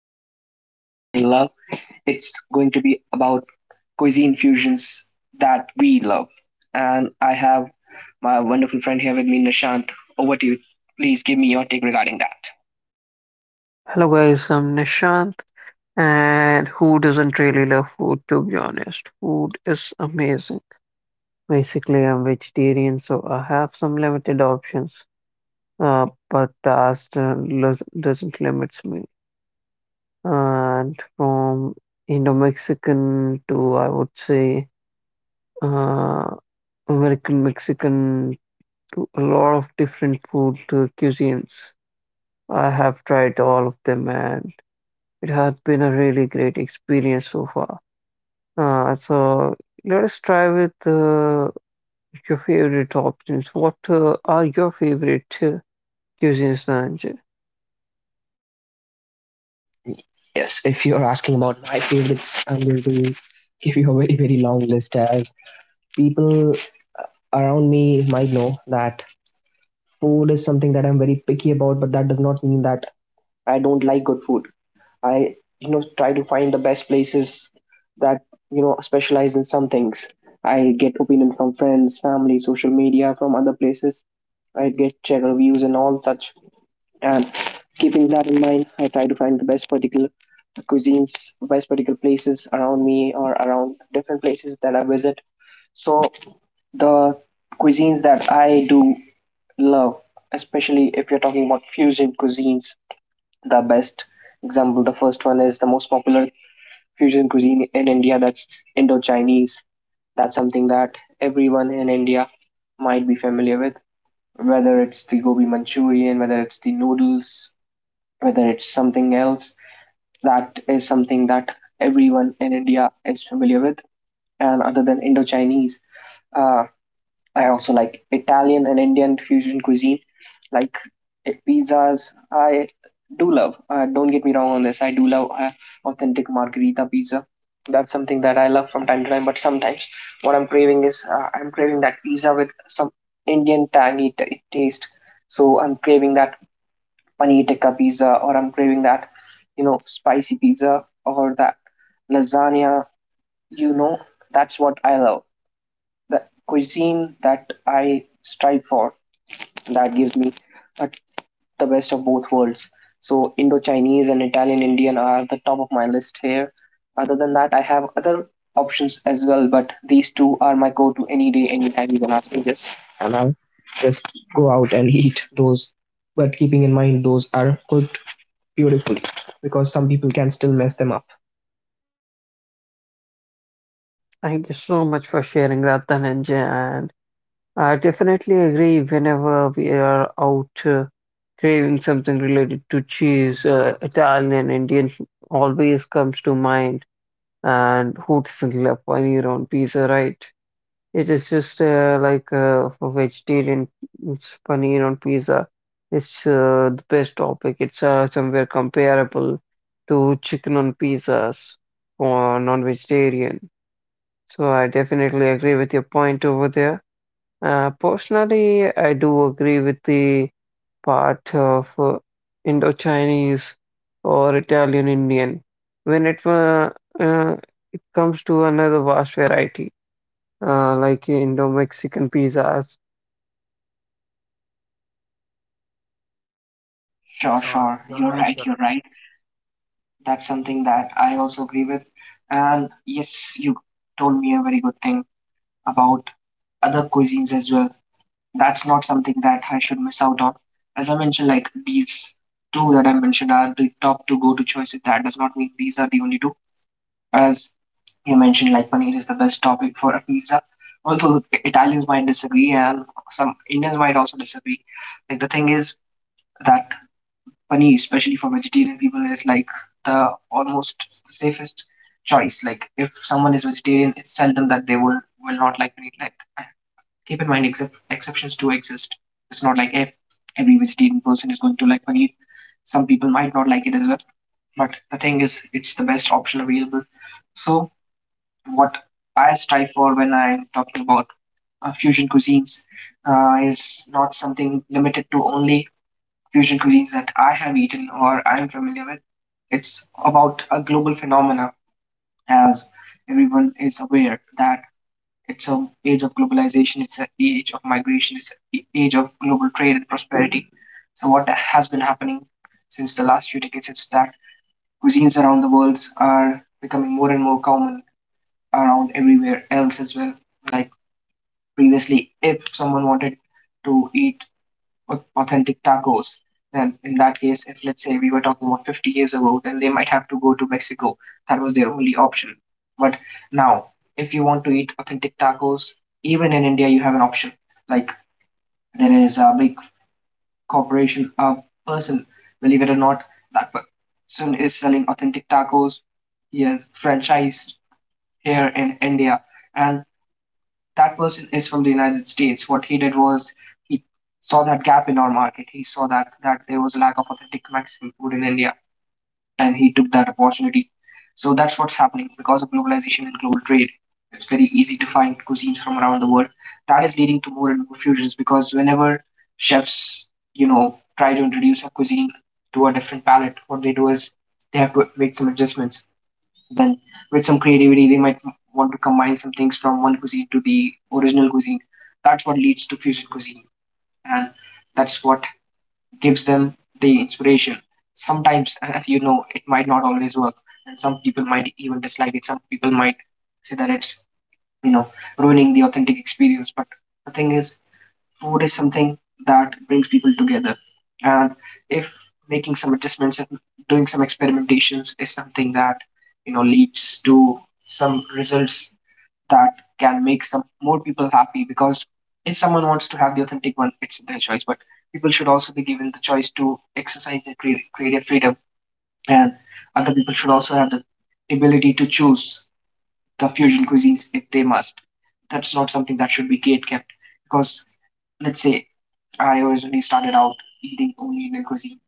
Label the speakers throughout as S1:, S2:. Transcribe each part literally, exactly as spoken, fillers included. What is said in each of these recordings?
S1: I think everyone will love. It's going to be about cuisine fusions that we love. And I have my wonderful friend here with me, Nishant. Over to you. Please give me your take regarding that.
S2: Hello guys, I'm Nishant, and who doesn't really love food to be honest? Food is amazing. Basically, I'm vegetarian, so I have some limited options, uh, but taste uh, los- doesn't limits me. And from Indo-Mexican to I would say uh, American Mexican to a lot of different food uh, cuisines. I have tried all of them, and it has been a really great experience so far. Uh, so let us try with uh, your favorite options. What uh, are your favorite uh, cuisines, Dhananjay?
S1: Yes, if you're asking about my favorites, I'm going to give you a very, very long list as people around me might know that food is something that I'm very picky about, but that does not mean that I don't like good food. I you know try to find the best places that you know specialize in some things. I get opinion from friends, family, social media, from other places. I get check reviews and all such. And keeping that in mind, I try to find the best particular cuisines, best particular places around me or around different places that I visit. So the cuisines that I do love, especially if you're talking about fusion cuisines, the best example. The first one is the most popular fusion cuisine in India that's Indo-Chinese. That's something that everyone in India might be familiar with, whether it's the gobi Manchurian, whether it's the noodles, whether it's something else. That is something that everyone in India is familiar with. And other than Indo-Chinese, uh, I also like Italian and Indian fusion cuisine, like eh, pizzas. I do love. Uh, don't get me wrong on this. I do love uh, authentic margherita pizza. That's something that I love from time to time. But sometimes what I'm craving is uh, I'm craving that pizza with some Indian tangy t- taste. So I'm craving that paneer tikka pizza, or I'm craving that you know spicy pizza, or that lasagna. You know, that's what I love, the cuisine that I strive for that gives me uh, the best of both worlds. So Indo Chinese and Italian Indian are the top of my list here. Other than that, I have other options as well, but these two are my go to any day, anytime you can ask me just and I'll just go out and eat those. But keeping in mind those are cooked beautifully because some people can still mess them up.
S2: Thank you so much for sharing that, Dhananjay. And I definitely agree whenever we are out uh, craving something related to cheese, uh, Italian and Indian always comes to mind. And who doesn't love paneer on pizza, right? It is just uh, like uh, for vegetarian, it's paneer on pizza. It's uh, the best topic. It's uh, somewhere comparable to chicken on pizzas for non-vegetarian. So I definitely agree with your point over there. Uh, personally, I do agree with the part of uh, Indo-Chinese or Italian Indian when it uh, uh, comes to another vast variety, uh, like Indo-Mexican pizzas. Sure,
S1: Sure,
S2: sure.
S1: sure.
S2: You're
S1: You're
S2: right.
S1: right,
S2: You're
S1: you're right. That's something that I also agree with. And yes, you told me a very good thing about other cuisines as well. That's not something that I should miss out on. As I mentioned, like these two that I mentioned are the top two go-to choices. That does not mean these are the only two. As you mentioned, like paneer is the best topic for a pizza. Although Italians might disagree and some Indians might also disagree. Like the thing is that paneer, especially for vegetarian people, is like the almost the safest choice. Like if someone is vegetarian, it's seldom that they will will not like paneer. Like uh, keep in mind, except exceptions do exist. It's not like if every vegetarian person is going to like paneer. Some people might not like it as well, but the thing is, it's the best option available. So what I strive for when I'm talking about uh, fusion cuisines uh, is not something limited to only fusion cuisines that I have eaten or I'm familiar with. It's about a global phenomena, as everyone is aware, that it's an age of globalization, it's an age of migration, it's an age of global trade and prosperity. So what has been happening since the last few decades is that cuisines around the world are becoming more and more common around everywhere else as well. Like previously, if someone wanted to eat authentic tacos. Then, in that case, if let's say we were talking about fifty years ago, then they might have to go to Mexico. That was their only option. But now, if you want to eat authentic tacos, even in India, you have an option. Like there is a big corporation, a person, believe it or not, that person is selling authentic tacos. He has franchised here in India, and that person is from the United States. What he did was he saw that gap in our market. He saw that that there was a lack of authentic Mexican food in India, and he took that opportunity. So that's what's happening because of globalization and global trade. It's very easy to find cuisines from around the world. That is leading to more and more fusions because whenever chefs, you know, try to introduce a cuisine to a different palate, what they do is they have to make some adjustments. Then, with some creativity, they might want to combine some things from one cuisine to the original cuisine. That's what leads to fusion cuisine, and that's what gives them the inspiration. Sometimes, you know, it might not always work, and some people might even dislike it. Some people might say that it's, you know, ruining the authentic experience. But the thing is, food is something that brings people together. And if making some adjustments and doing some experimentations is something that you know leads to some results that can make some more people happy, because if someone wants to have the authentic one, it's their choice. But people should also be given the choice to exercise their crea- creative freedom, and other people should also have the ability to choose the fusion cuisines if they must. That's not something that should be gate kept, because let's say I originally started out eating only Indian cuisine.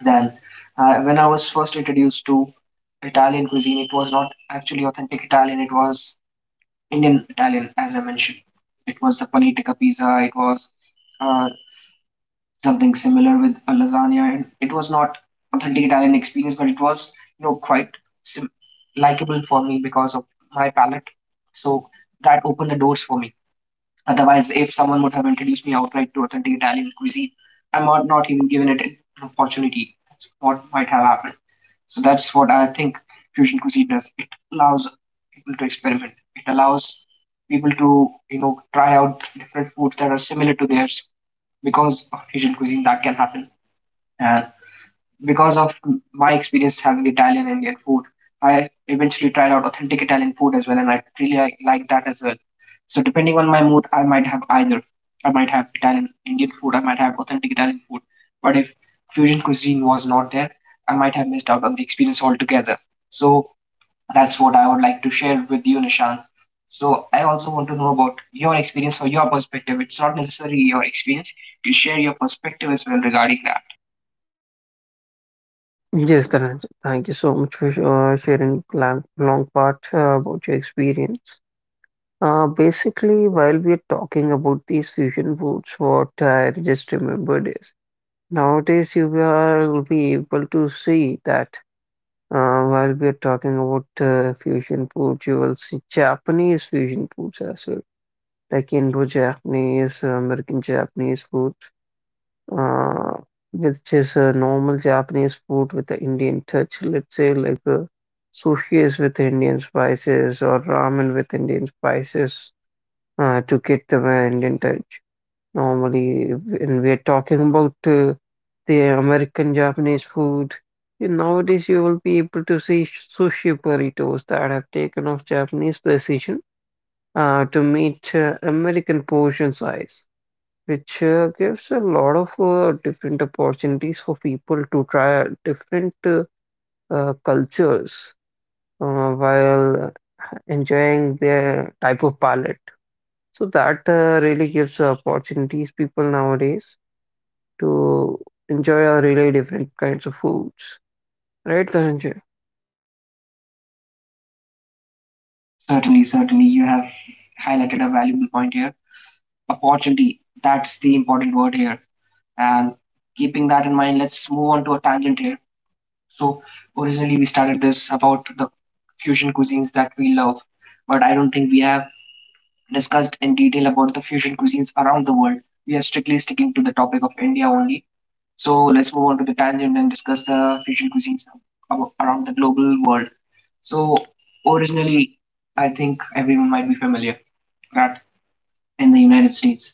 S1: Then, uh, when I was first introduced to Italian cuisine, it was not actually authentic Italian, it was Indian Italian, as I mentioned. It was the panitica pizza, it was uh, something similar with a lasagna, and it was not authentic Italian experience, but it was you know quite sim- likable for me because of my palate. So that opened the doors for me. Otherwise, if someone would have introduced me outright to authentic Italian cuisine, I might not even given it an opportunity. That's what might have happened. So that's what I think fusion cuisine does. It allows people to experiment. It allows people to you know try out different foods that are similar to theirs because of fusion cuisine that can happen. And because of my experience having Italian and Indian food, I eventually tried out authentic Italian food as well, and I really like, like that as well. So depending on my mood, I might have either. I might have Italian Indian food. I might have authentic Italian food. But if fusion cuisine was not there, I might have missed out on the experience altogether. So that's what I would like to share with you, Nishant. So I also want to know about your experience or your perspective. It's not necessarily your experience. You share your perspective as well regarding that.
S2: Yes, Dhananjay, thank you so much for sh- uh, sharing long, long part uh, about your experience. Uh, basically, while we're talking about these fusion foods, what I just remembered is nowadays you will be able to see that uh, while we're talking about uh, fusion foods, you will see Japanese fusion foods as well. Like Indo-Japanese, American-Japanese food, uh, with just a normal Japanese food with the Indian touch. Let's say like uh, sushi is with Indian spices or ramen with Indian spices uh, to get the uh, Indian touch. Normally, when we are talking about uh, the American Japanese food, you- nowadays you will be able to see sushi burritos that have taken off Japanese precision uh, to meet uh, American portion size, which uh, gives a lot of uh, different opportunities for people to try different uh, uh, cultures uh, while enjoying their type of palette. So that uh, really gives opportunities people nowadays to enjoy a really different kinds of foods, right, Dhananjay?
S1: Certainly, certainly, you have highlighted a valuable point here. Opportunity, that's the important word here. And keeping that in mind, let's move on to a tangent here. So, originally, we started this about the fusion cuisines that we love, but I don't think we have discussed in detail about the fusion cuisines around the world. We are strictly sticking to the topic of India only. So, let's move on to the tangent and discuss the fusion cuisines abo- around the global world. So, originally, I think everyone might be familiar that in the United States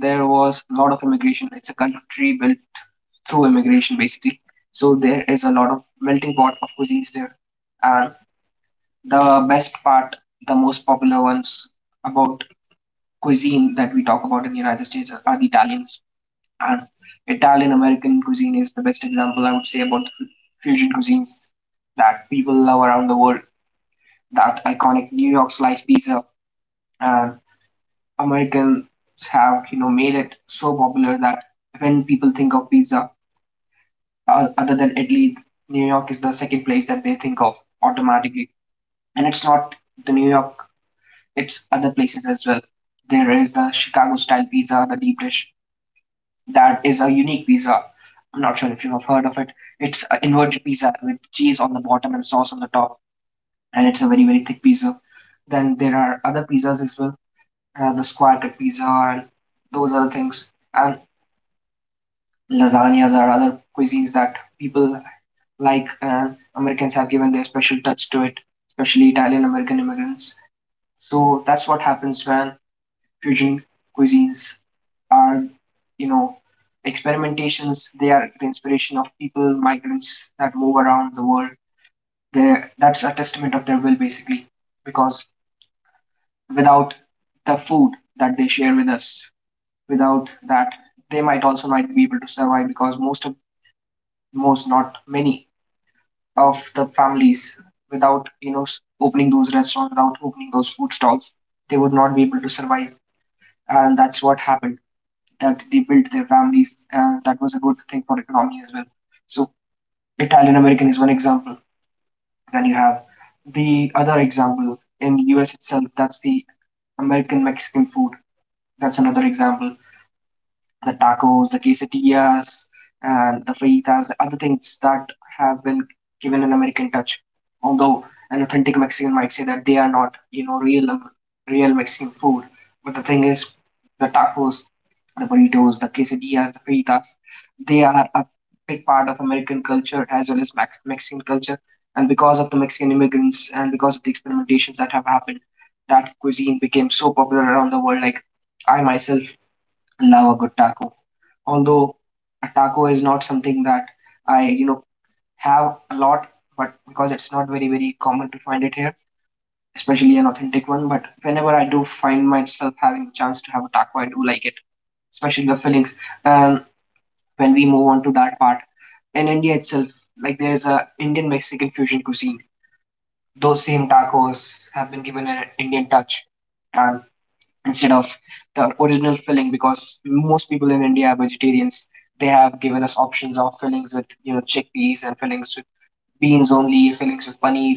S1: there was a lot of immigration. It's a country built through immigration, basically. So there is a lot of melting pot of cuisines there. And the best part, the most popular ones about cuisine that we talk about in the United States are, are the Italians. And Italian American cuisine is the best example I would say about the fusion cuisines that people love around the world. That iconic New York slice pizza, and Americans have you know made it so popular that when people think of pizza uh, other than Italy, New York is the second place that they think of automatically. And it's not the New York; it's other places as well. There is the Chicago style pizza, the deep dish. That is a unique pizza. I'm not sure if you have heard of it. It's an inverted pizza with cheese on the bottom and sauce on the top, and it's a very very thick pizza. Then there are other pizzas as well, uh, the square cut pizza and those other things. And lasagnas or other cuisines that people like and Americans have given their special touch to it, especially Italian American immigrants. So that's what happens when fusion cuisines are, you know, experimentations. They are the inspiration of people, migrants that move around the world. They that's a testament of their will, basically, because without the food that they share with us, without that, they might also not be able to survive because most of most, not many, of the families without you know opening those restaurants, without opening those food stalls, they would not be able to survive. And that's what happened. That they built their families, and that was a good thing for economy as well. So Italian American is one example. Then you have the other example in U S itself. That's the American Mexican food. That's another example. The tacos, the quesadillas, and the fajitas, the other things that have been given an American touch. Although an authentic Mexican might say that they are not, you know, real real Mexican food. But the thing is, the tacos, the burritos, the quesadillas, the fajitas, they are a big part of American culture as well as Mex- Mexican culture. And because of the Mexican immigrants and because of the experimentations that have happened, that cuisine became so popular around the world. Like I myself love a good taco. Although a taco is not something that I, you know, have a lot, but because it's not very, very common to find it here, especially an authentic one. But whenever I do find myself having the chance to have a taco, I do like it, especially the fillings. Um, when we move on to that part, in India itself, like there's a Indian Mexican fusion cuisine. Those same tacos have been given an Indian touch and instead of the original filling because most people in India are vegetarians. They have given us options of fillings with you know chickpeas and fillings with beans only, fillings with paneer.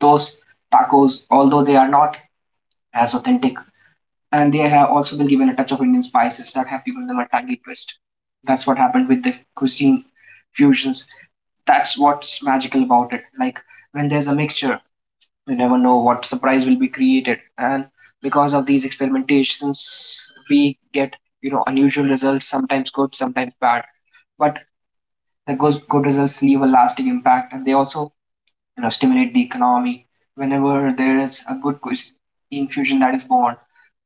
S1: Those tacos, although they are not as authentic, and they have also been given a touch of Indian spices that have given them a tangy twist. That's what happened with the cuisine fusions. That's what's magical about it. Like when there's a mixture you never know what surprise will be created and because of these experimentations we get you know unusual results, sometimes good, sometimes bad, but the good, good results leave a lasting impact and they also you know stimulate the economy whenever there is a good cuis- infusion that is born,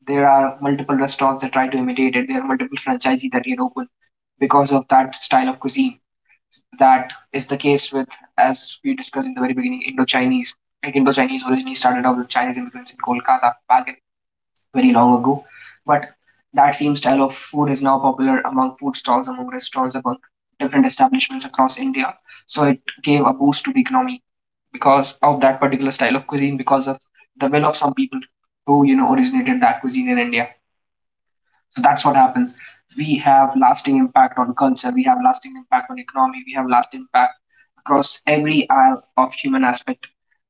S1: there are multiple restaurants that try to imitate it, there are multiple franchisees that get open because of that style of cuisine. That is the case with, as we discussed in the very beginning, Indo-Chinese. Like Indo-Chinese originally started out with Chinese immigrants in Kolkata back very long ago, but that same style of food is now popular among food stalls, among restaurants, among different establishments across India. So it gave a boost to the economy because of that particular style of cuisine, because of the will of some people who you know originated that cuisine in India. So that's what happens. We have lasting impact on culture. We have lasting impact on economy. We have lasting impact across every aisle of human aspect.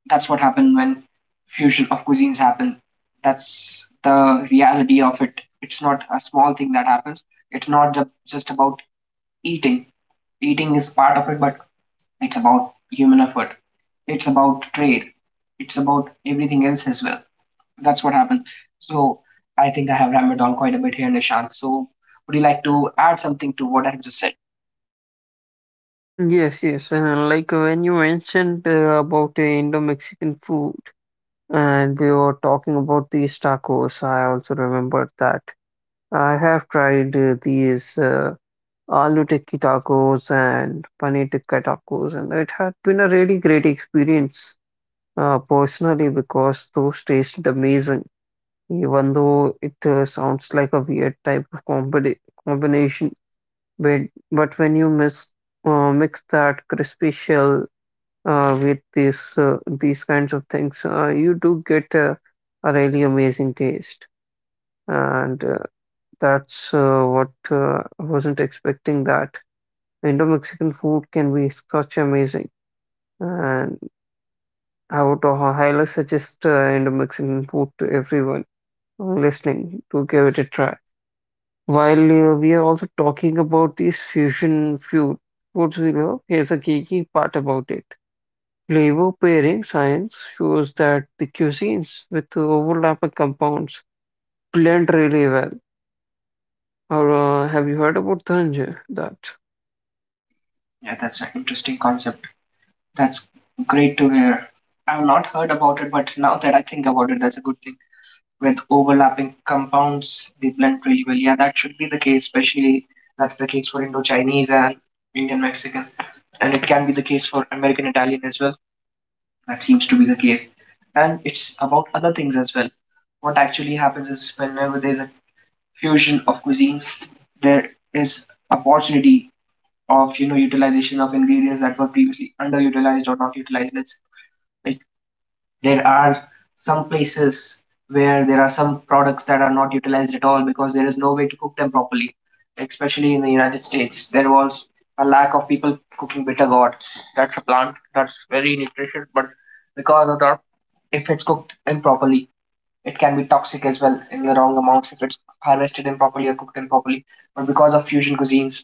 S1: That's what happened when fusion of cuisines happen. That's the reality of it. It's not a small thing that happens. It's not ju- just about eating. Eating is part of it, but it's about human effort. It's about trade. It's about everything else as well. That's what happened. So I think I have rambled on quite a bit here, Nishant. So would you like to add something to what I've just said?
S2: Yes, yes. And like when you mentioned uh, about the Indo-Mexican food, and we were talking about these tacos, I also remembered that. I have tried uh, these uh, aloo tikki tacos and paneer tikka tacos, and it had been a really great experience uh, personally because those tasted amazing, even though it uh, sounds like a weird type of combi combination. But, but when you mix, uh, mix that crispy shell uh, with this, uh, these kinds of things, uh, you do get uh, a really amazing taste. And uh, that's uh, what uh, I wasn't expecting that. Indo-Mexican food can be such amazing, and I would hi- highly suggest uh, Indo-Mexican food to everyone listening to give it a try. While uh, we are also talking about these fusion food foods we love, here's a geeky part about it. Flavor pairing science shows that the cuisines with overlapping compounds blend really well. Or, uh, have you heard about Dhananjay? That
S1: Yeah, that's an interesting concept. That's great to hear. I've not heard about it, but now that I think about it, that's a good thing. With overlapping compounds, they blend really well. Yeah, that should be the case, especially that's the case for Indo Chinese and Indian Mexican. And it can be the case for American Italian as well. That seems to be the case. And it's about other things as well. What actually happens is whenever there's a fusion of cuisines, there is opportunity of you know utilization of ingredients that were previously underutilized or not utilized. Let's like there are some places where there are some products that are not utilized at all because there is no way to cook them properly. Especially in the United States, there was a lack of people cooking bitter gourd. That's a plant that's very nutritious, but because of that, if it's cooked improperly, it can be toxic as well in the wrong amounts if it's harvested improperly or cooked improperly. But because of fusion cuisines,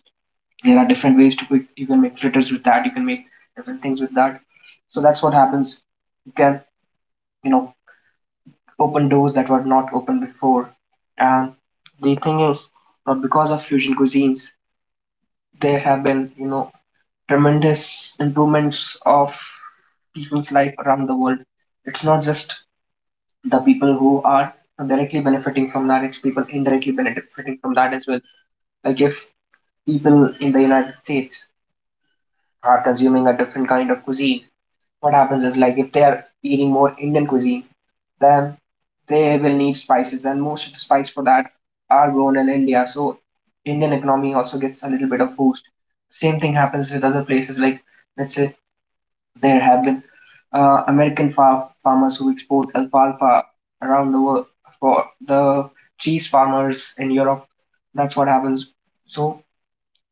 S1: there are different ways to cook. You can make fritters with that. You can make different things with that. So that's what happens. You can you know open doors that were not open before. And the thing is that because of fusion cuisines, there have been you know tremendous improvements of people's life around the world. It's not just the people who are directly benefiting from that, it's people indirectly benefiting from that as well. Like if people in the United States are consuming a different kind of cuisine, what happens is like if they are eating more Indian cuisine, then they will need spices, and most of the spice for that are grown in India. So Indian economy also gets a little bit of boost. Same thing happens with other places like, let's say, there have been uh, American far- farmers who export alfalfa around the world for the cheese farmers in Europe. That's what happens. So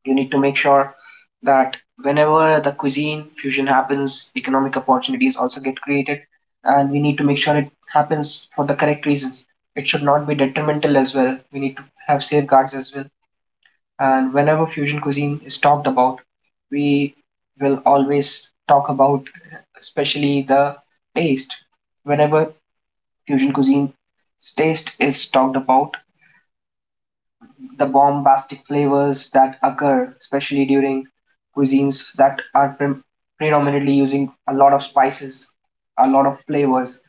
S1: you need to make sure that whenever the cuisine fusion happens, economic opportunities also get created, and we need to make sure it happens for the correct reasons. It should not be detrimental as well. We need to have safeguards as well, and whenever fusion cuisine is talked about, we will always talk about especially the taste. Whenever fusion cuisine taste is talked about, the bombastic flavors that occur, especially during cuisines that are pre- predominantly using a lot of spices, a lot of flavors.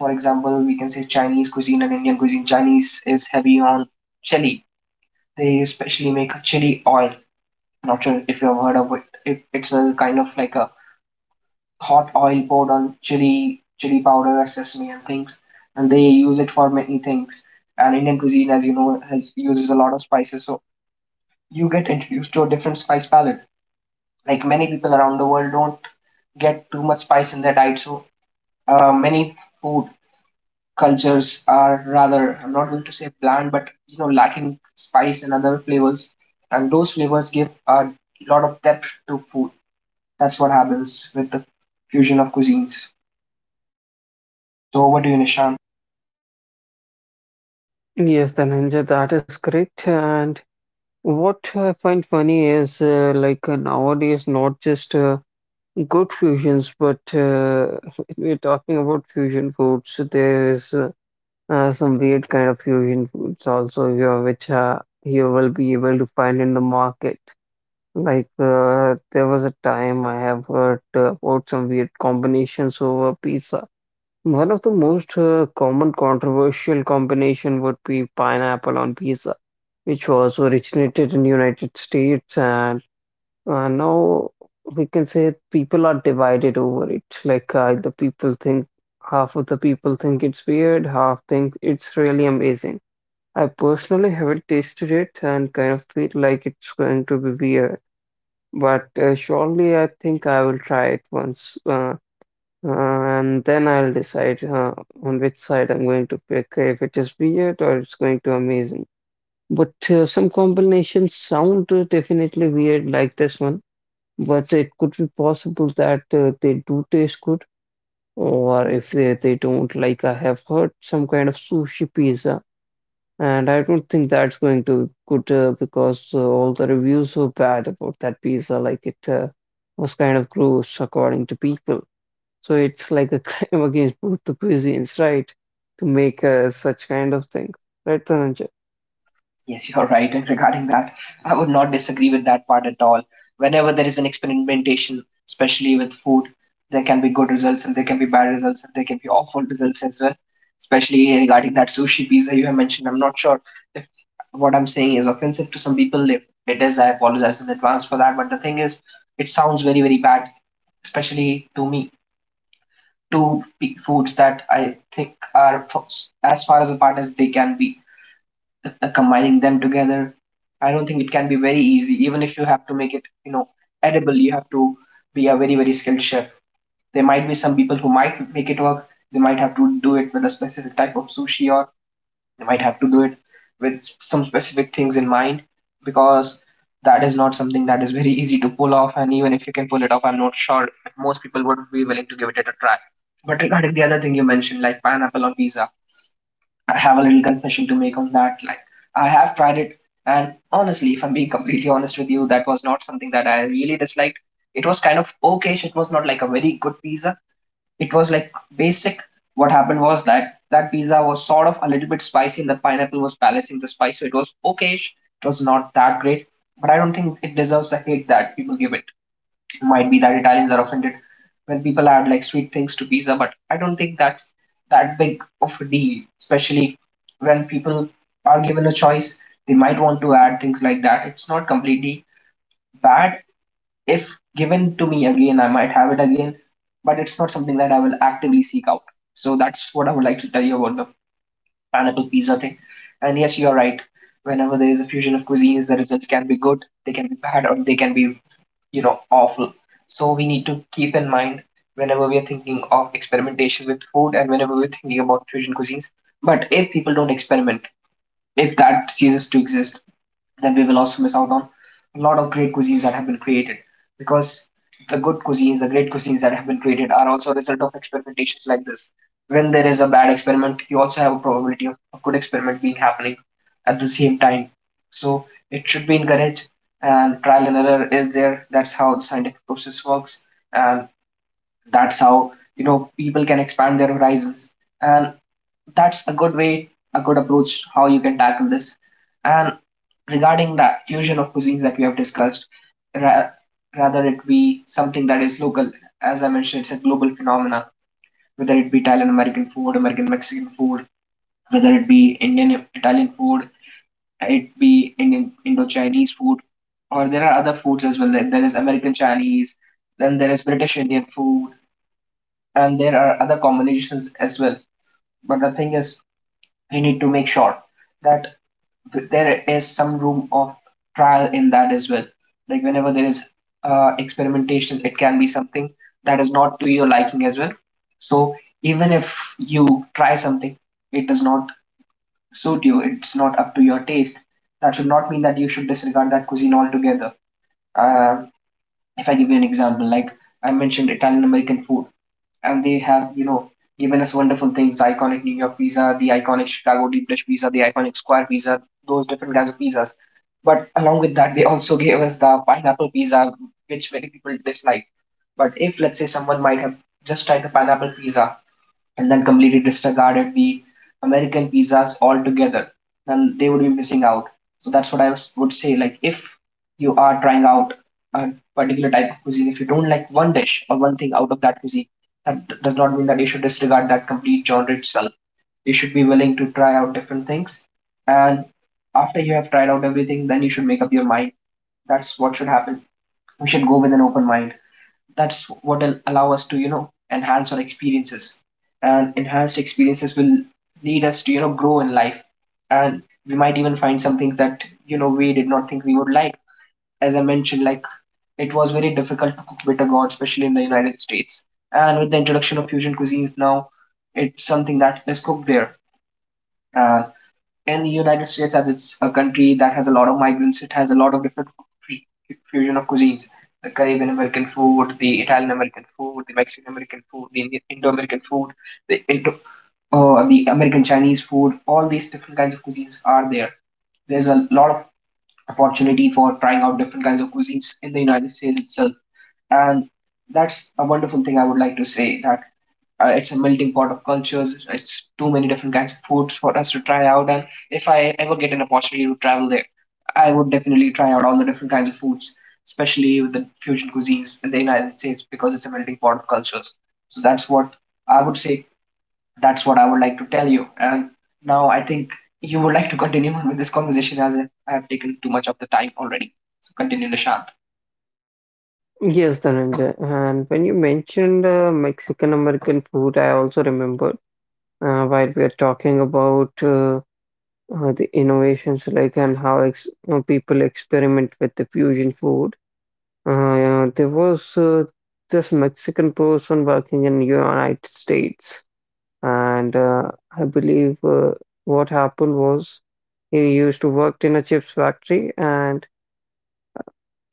S1: For example, we can say Chinese cuisine and Indian cuisine. Chinese is heavy on chili. They especially make a chili oil. Not sure if you've heard of it. it. It's a kind of like a hot oil poured on chili, chili powder, sesame, and things. And they use it for many things. And Indian cuisine, as you know, has, uses a lot of spices. So you get introduced to a different spice palette. Like many people around the world don't get too much spice in their diet. So uh, many food cultures are rather, I'm not going to say bland, but you know, lacking spice and other flavors. And those flavors give a lot of depth to food. That's what happens with the fusion of cuisines. So over to you, Nishant.
S2: Yes, Dhananjay, that is correct. And what I find funny is uh, like uh, nowadays, not just uh, good fusions, but uh, we're talking about fusion foods. There is uh, uh, some weird kind of fusion foods also here, which uh, you will be able to find in the market. Like uh, there was a time I have heard uh, about some weird combinations over pizza. One of the most uh, common controversial combination would be pineapple on pizza, which was originated in United States, and uh, now we can say people are divided over it. Like uh, the people think half of the people think it's weird, half think it's really amazing. I personally haven't tasted it and kind of feel like it's going to be weird, but uh, surely I think I will try it once. Uh, uh, and then I'll decide uh, on which side I'm going to pick, if it is weird or it's going to amazing. But uh, some combinations sound uh, definitely weird, like this one, but it could be possible that uh, they do taste good, or if they, they don't, like I have heard some kind of sushi pizza, and I don't think that's going to be good uh, because uh, all the reviews were bad about that pizza, like it uh, was kind of gross according to people. So it's like a crime against both the cuisines, right? To make uh, such kind of things, right, Dhananjay?
S1: Yes, you're right. And regarding that, I would not disagree with that part at all. Whenever there is an experimentation, especially with food, there can be good results and there can be bad results and there can be awful results as well. Especially regarding that sushi pizza you have mentioned. I'm not sure if what I'm saying is offensive to some people. If it is, I apologize in advance for that. But the thing is, it sounds very, very bad, especially to me. Two foods that I think are as far as apart as they can be. Uh, combining them together, I don't think it can be very easy. Even if you have to make it, you know, edible, you have to be a very very skilled chef. There might be some people who might make it work. They might have to do it with a specific type of sushi or you might have to do it with some specific things in mind because that is not something that is very easy to pull off. And even if you can pull it off, I'm not sure most people would be willing to give it a try. But regarding the other thing you mentioned, like pineapple on pizza, I have a little confession to make on that. Like, I have tried it, and honestly, if I'm being completely honest with you, that was not something that I really disliked. It was kind of okay, it was not like a very good pizza, it was like basic. What happened was that that pizza was sort of a little bit spicy, and the pineapple was balancing the spice, so it was okayish. It was not that great, but I don't think it deserves the hate that people give it. It might be that Italians are offended when people add like sweet things to pizza, but I don't think that's that big of a deal, especially when people are given a choice. They might want to add things like that. It's not completely bad. If given to me again, I might have it again, but it's not something that I will actively seek out. So that's what I would like to tell you about the pineapple pizza thing. And yes, you are right. Whenever there is a fusion of cuisines, the results can be good, they can be bad, or they can be, you know, awful. So we need to keep in mind whenever we are thinking of experimentation with food and whenever we're thinking about fusion cuisines. But if people don't experiment, if that ceases to exist, then we will also miss out on a lot of great cuisines that have been created because the good cuisines, the great cuisines that have been created are also a result of experimentations like this. When there is a bad experiment, you also have a probability of a good experiment being happening at the same time. So it should be encouraged, and trial and error is there. That's how the scientific process works, and that's how you know people can expand their horizons, and that's a good way, a good approach how you can tackle this. And regarding that fusion of cuisines that we have discussed, ra- rather it be something that is local. As I mentioned, it's a global phenomena. Whether it be Italian American food, American Mexican food, whether it be Indian Italian food, it be Indian Indo Chinese food, or there are other foods as well. There there is American Chinese, then there is British Indian food, and there are other combinations as well. But the thing is, we need to make sure that there is some room of trial in that as well. Like whenever there is uh, experimentation, it can be something that is not to your liking as well. So even if you try something, it does not suit you, it's not up to your taste. That should not mean that you should disregard that cuisine altogether. Uh, if I give you an example, like I mentioned Italian American food, and they have, you know, given us wonderful things, the iconic New York pizza, the iconic Chicago deep dish pizza, the iconic square pizza, those different kinds of pizzas. But along with that, they also gave us the pineapple pizza, which many people dislike. But if let's say someone might have just tried the pineapple pizza and then completely disregarded the American pizzas altogether, then they would be missing out. So that's what I would say. Like if you are trying out a particular type of cuisine, if you don't like one dish or one thing out of that cuisine, that d- does not mean that you should disregard that complete genre itself. You should be willing to try out different things, and after you have tried out everything, then you should make up your mind. That's what should happen. We should go with an open mind. That's what will allow us to, you know, enhance our experiences, and enhanced experiences will lead us to, you know, grow in life, and we might even find some things that, you know, we did not think we would like. As I mentioned, like, it was very difficult to cook bitter gourd, especially in the United States, and with the introduction of fusion cuisines now, it's something that is cooked there. uh, in the United States, as it's a country that has a lot of migrants, it has a lot of different fusion of cuisines: the Caribbean American food, the Italian American food, the Mexican American food, the Indi- Indo-American food, the Indo, uh, the American Chinese food. All these different kinds of cuisines are there. There's a lot of opportunity for trying out different kinds of cuisines in the United States itself. And that's a wonderful thing. I would like to say that uh, it's a melting pot of cultures. It's too many different kinds of foods for us to try out. And if I ever get an opportunity to travel there, I would definitely try out all the different kinds of foods, especially with the fusion cuisines in the United States because it's a melting pot of cultures. So that's what I would say. That's what I would like to tell you. And now I think you would like to continue on with this conversation as if I have taken too much of the time already. So continue, Nishan.
S2: Yes, Dhananjay. And when you mentioned uh, Mexican American food, I also remembered uh, while we are talking about uh, uh, the innovations, like and how ex uh, people experiment with the fusion food. Uh, uh, there was uh, this Mexican person working in United States. And uh, I believe uh, what happened was he used to work in a chips factory, and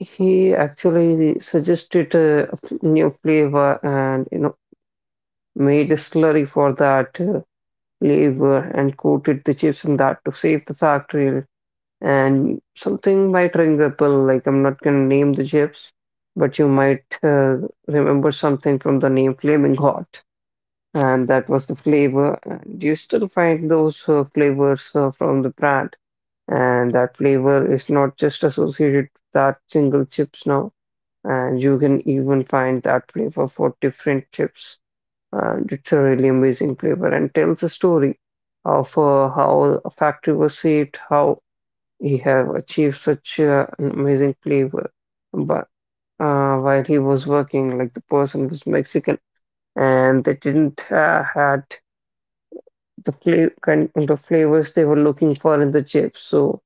S2: he actually suggested a f- new flavor, and you know made a slurry for that uh, flavor and coated the chips in that to save the factory, and something might ring a bell. Like, I'm not gonna name the chips, but you might uh, remember something from the name Flaming Hot, and that was the flavor. And you still find those uh, flavors uh, from the brand, and that flavor is not just associated with that single chips now, and you can even find that flavor for different chips. And it's a really amazing flavor and tells a story of uh, how a factory was saved, how he have achieved such uh, an amazing flavor. But uh, while he was working, like the person was Mexican, and they didn't uh, had the flavor kind the flavors they were looking for in the chips. So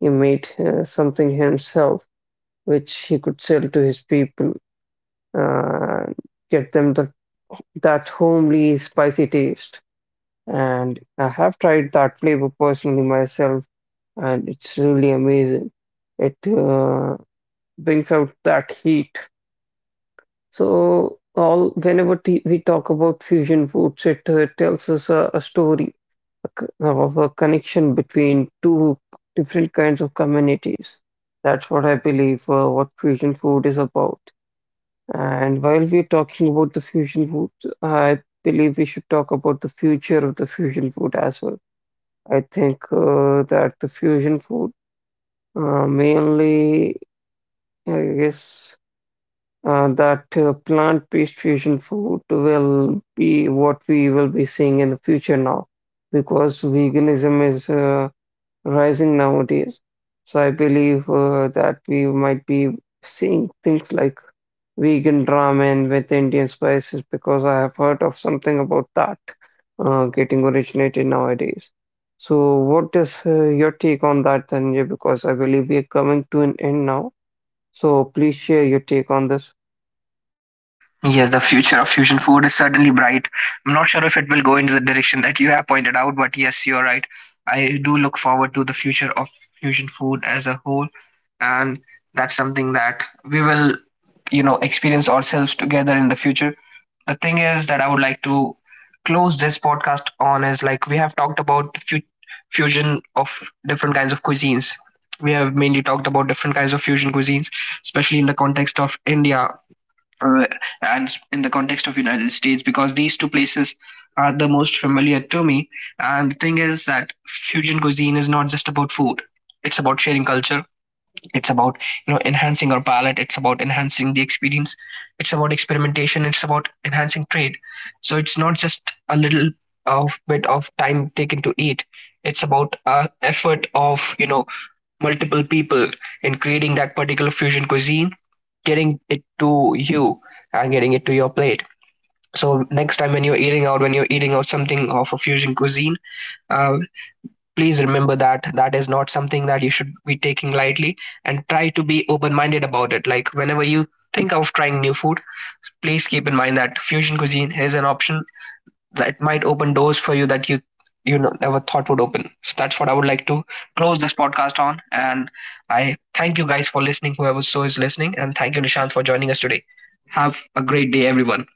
S2: he made uh, something himself, which he could sell to his people, uh, get them the that homely spicy taste. And I have tried that flavor personally myself, and it's really amazing. It uh, brings out that heat. So all whenever t- we talk about fusion foods, it uh, tells us a, a story a c- uh, of a connection between two different kinds of communities. That's what I believe uh, what fusion food is about. And while we're talking about the fusion food, I believe we should talk about the future of the fusion food as well. I think uh, that the fusion food uh, mainly, I guess, uh, that uh, plant-based fusion food will be what we will be seeing in the future now because veganism is uh, rising nowadays. So I believe uh, that we might be seeing things like vegan ramen with Indian spices because I have heard of something about that uh, getting originated nowadays. So what is uh, your take on that, Dhananjay? Because I believe we are coming to an end now. So please share your take on this.
S1: Yes, the future of fusion food is certainly bright. I'm not sure if it will go into the direction that you have pointed out, but yes, you're right. I do look forward to the future of fusion food as a whole, and that's something that we will, you know, experience ourselves together in the future. The thing is that I would like to close this podcast on is like we have talked about the fu- fusion of different kinds of cuisines. We have mainly talked about different kinds of fusion cuisines, especially in the context of India uh, and in the context of United States, because these two places are the most familiar to me, and the thing is that fusion cuisine is not just about food, it's about sharing culture, it's about, you know, enhancing our palate, it's about enhancing the experience, it's about experimentation, it's about enhancing trade. So it's not just a little of bit of time taken to eat, it's about uh, effort of, you know, multiple people in creating that particular fusion cuisine, getting it to you and getting it to your plate. So next time when you're eating out, when you're eating out something of a fusion cuisine, uh, please remember that that is not something that you should be taking lightly, and try to be open-minded about it. Like whenever you think of trying new food, please keep in mind that fusion cuisine is an option that might open doors for you that you you know, never thought would open. So that's what I would like to close this podcast on. And I thank you guys for listening, whoever so is listening, and thank you Nishant for joining us today. Have a great day, everyone.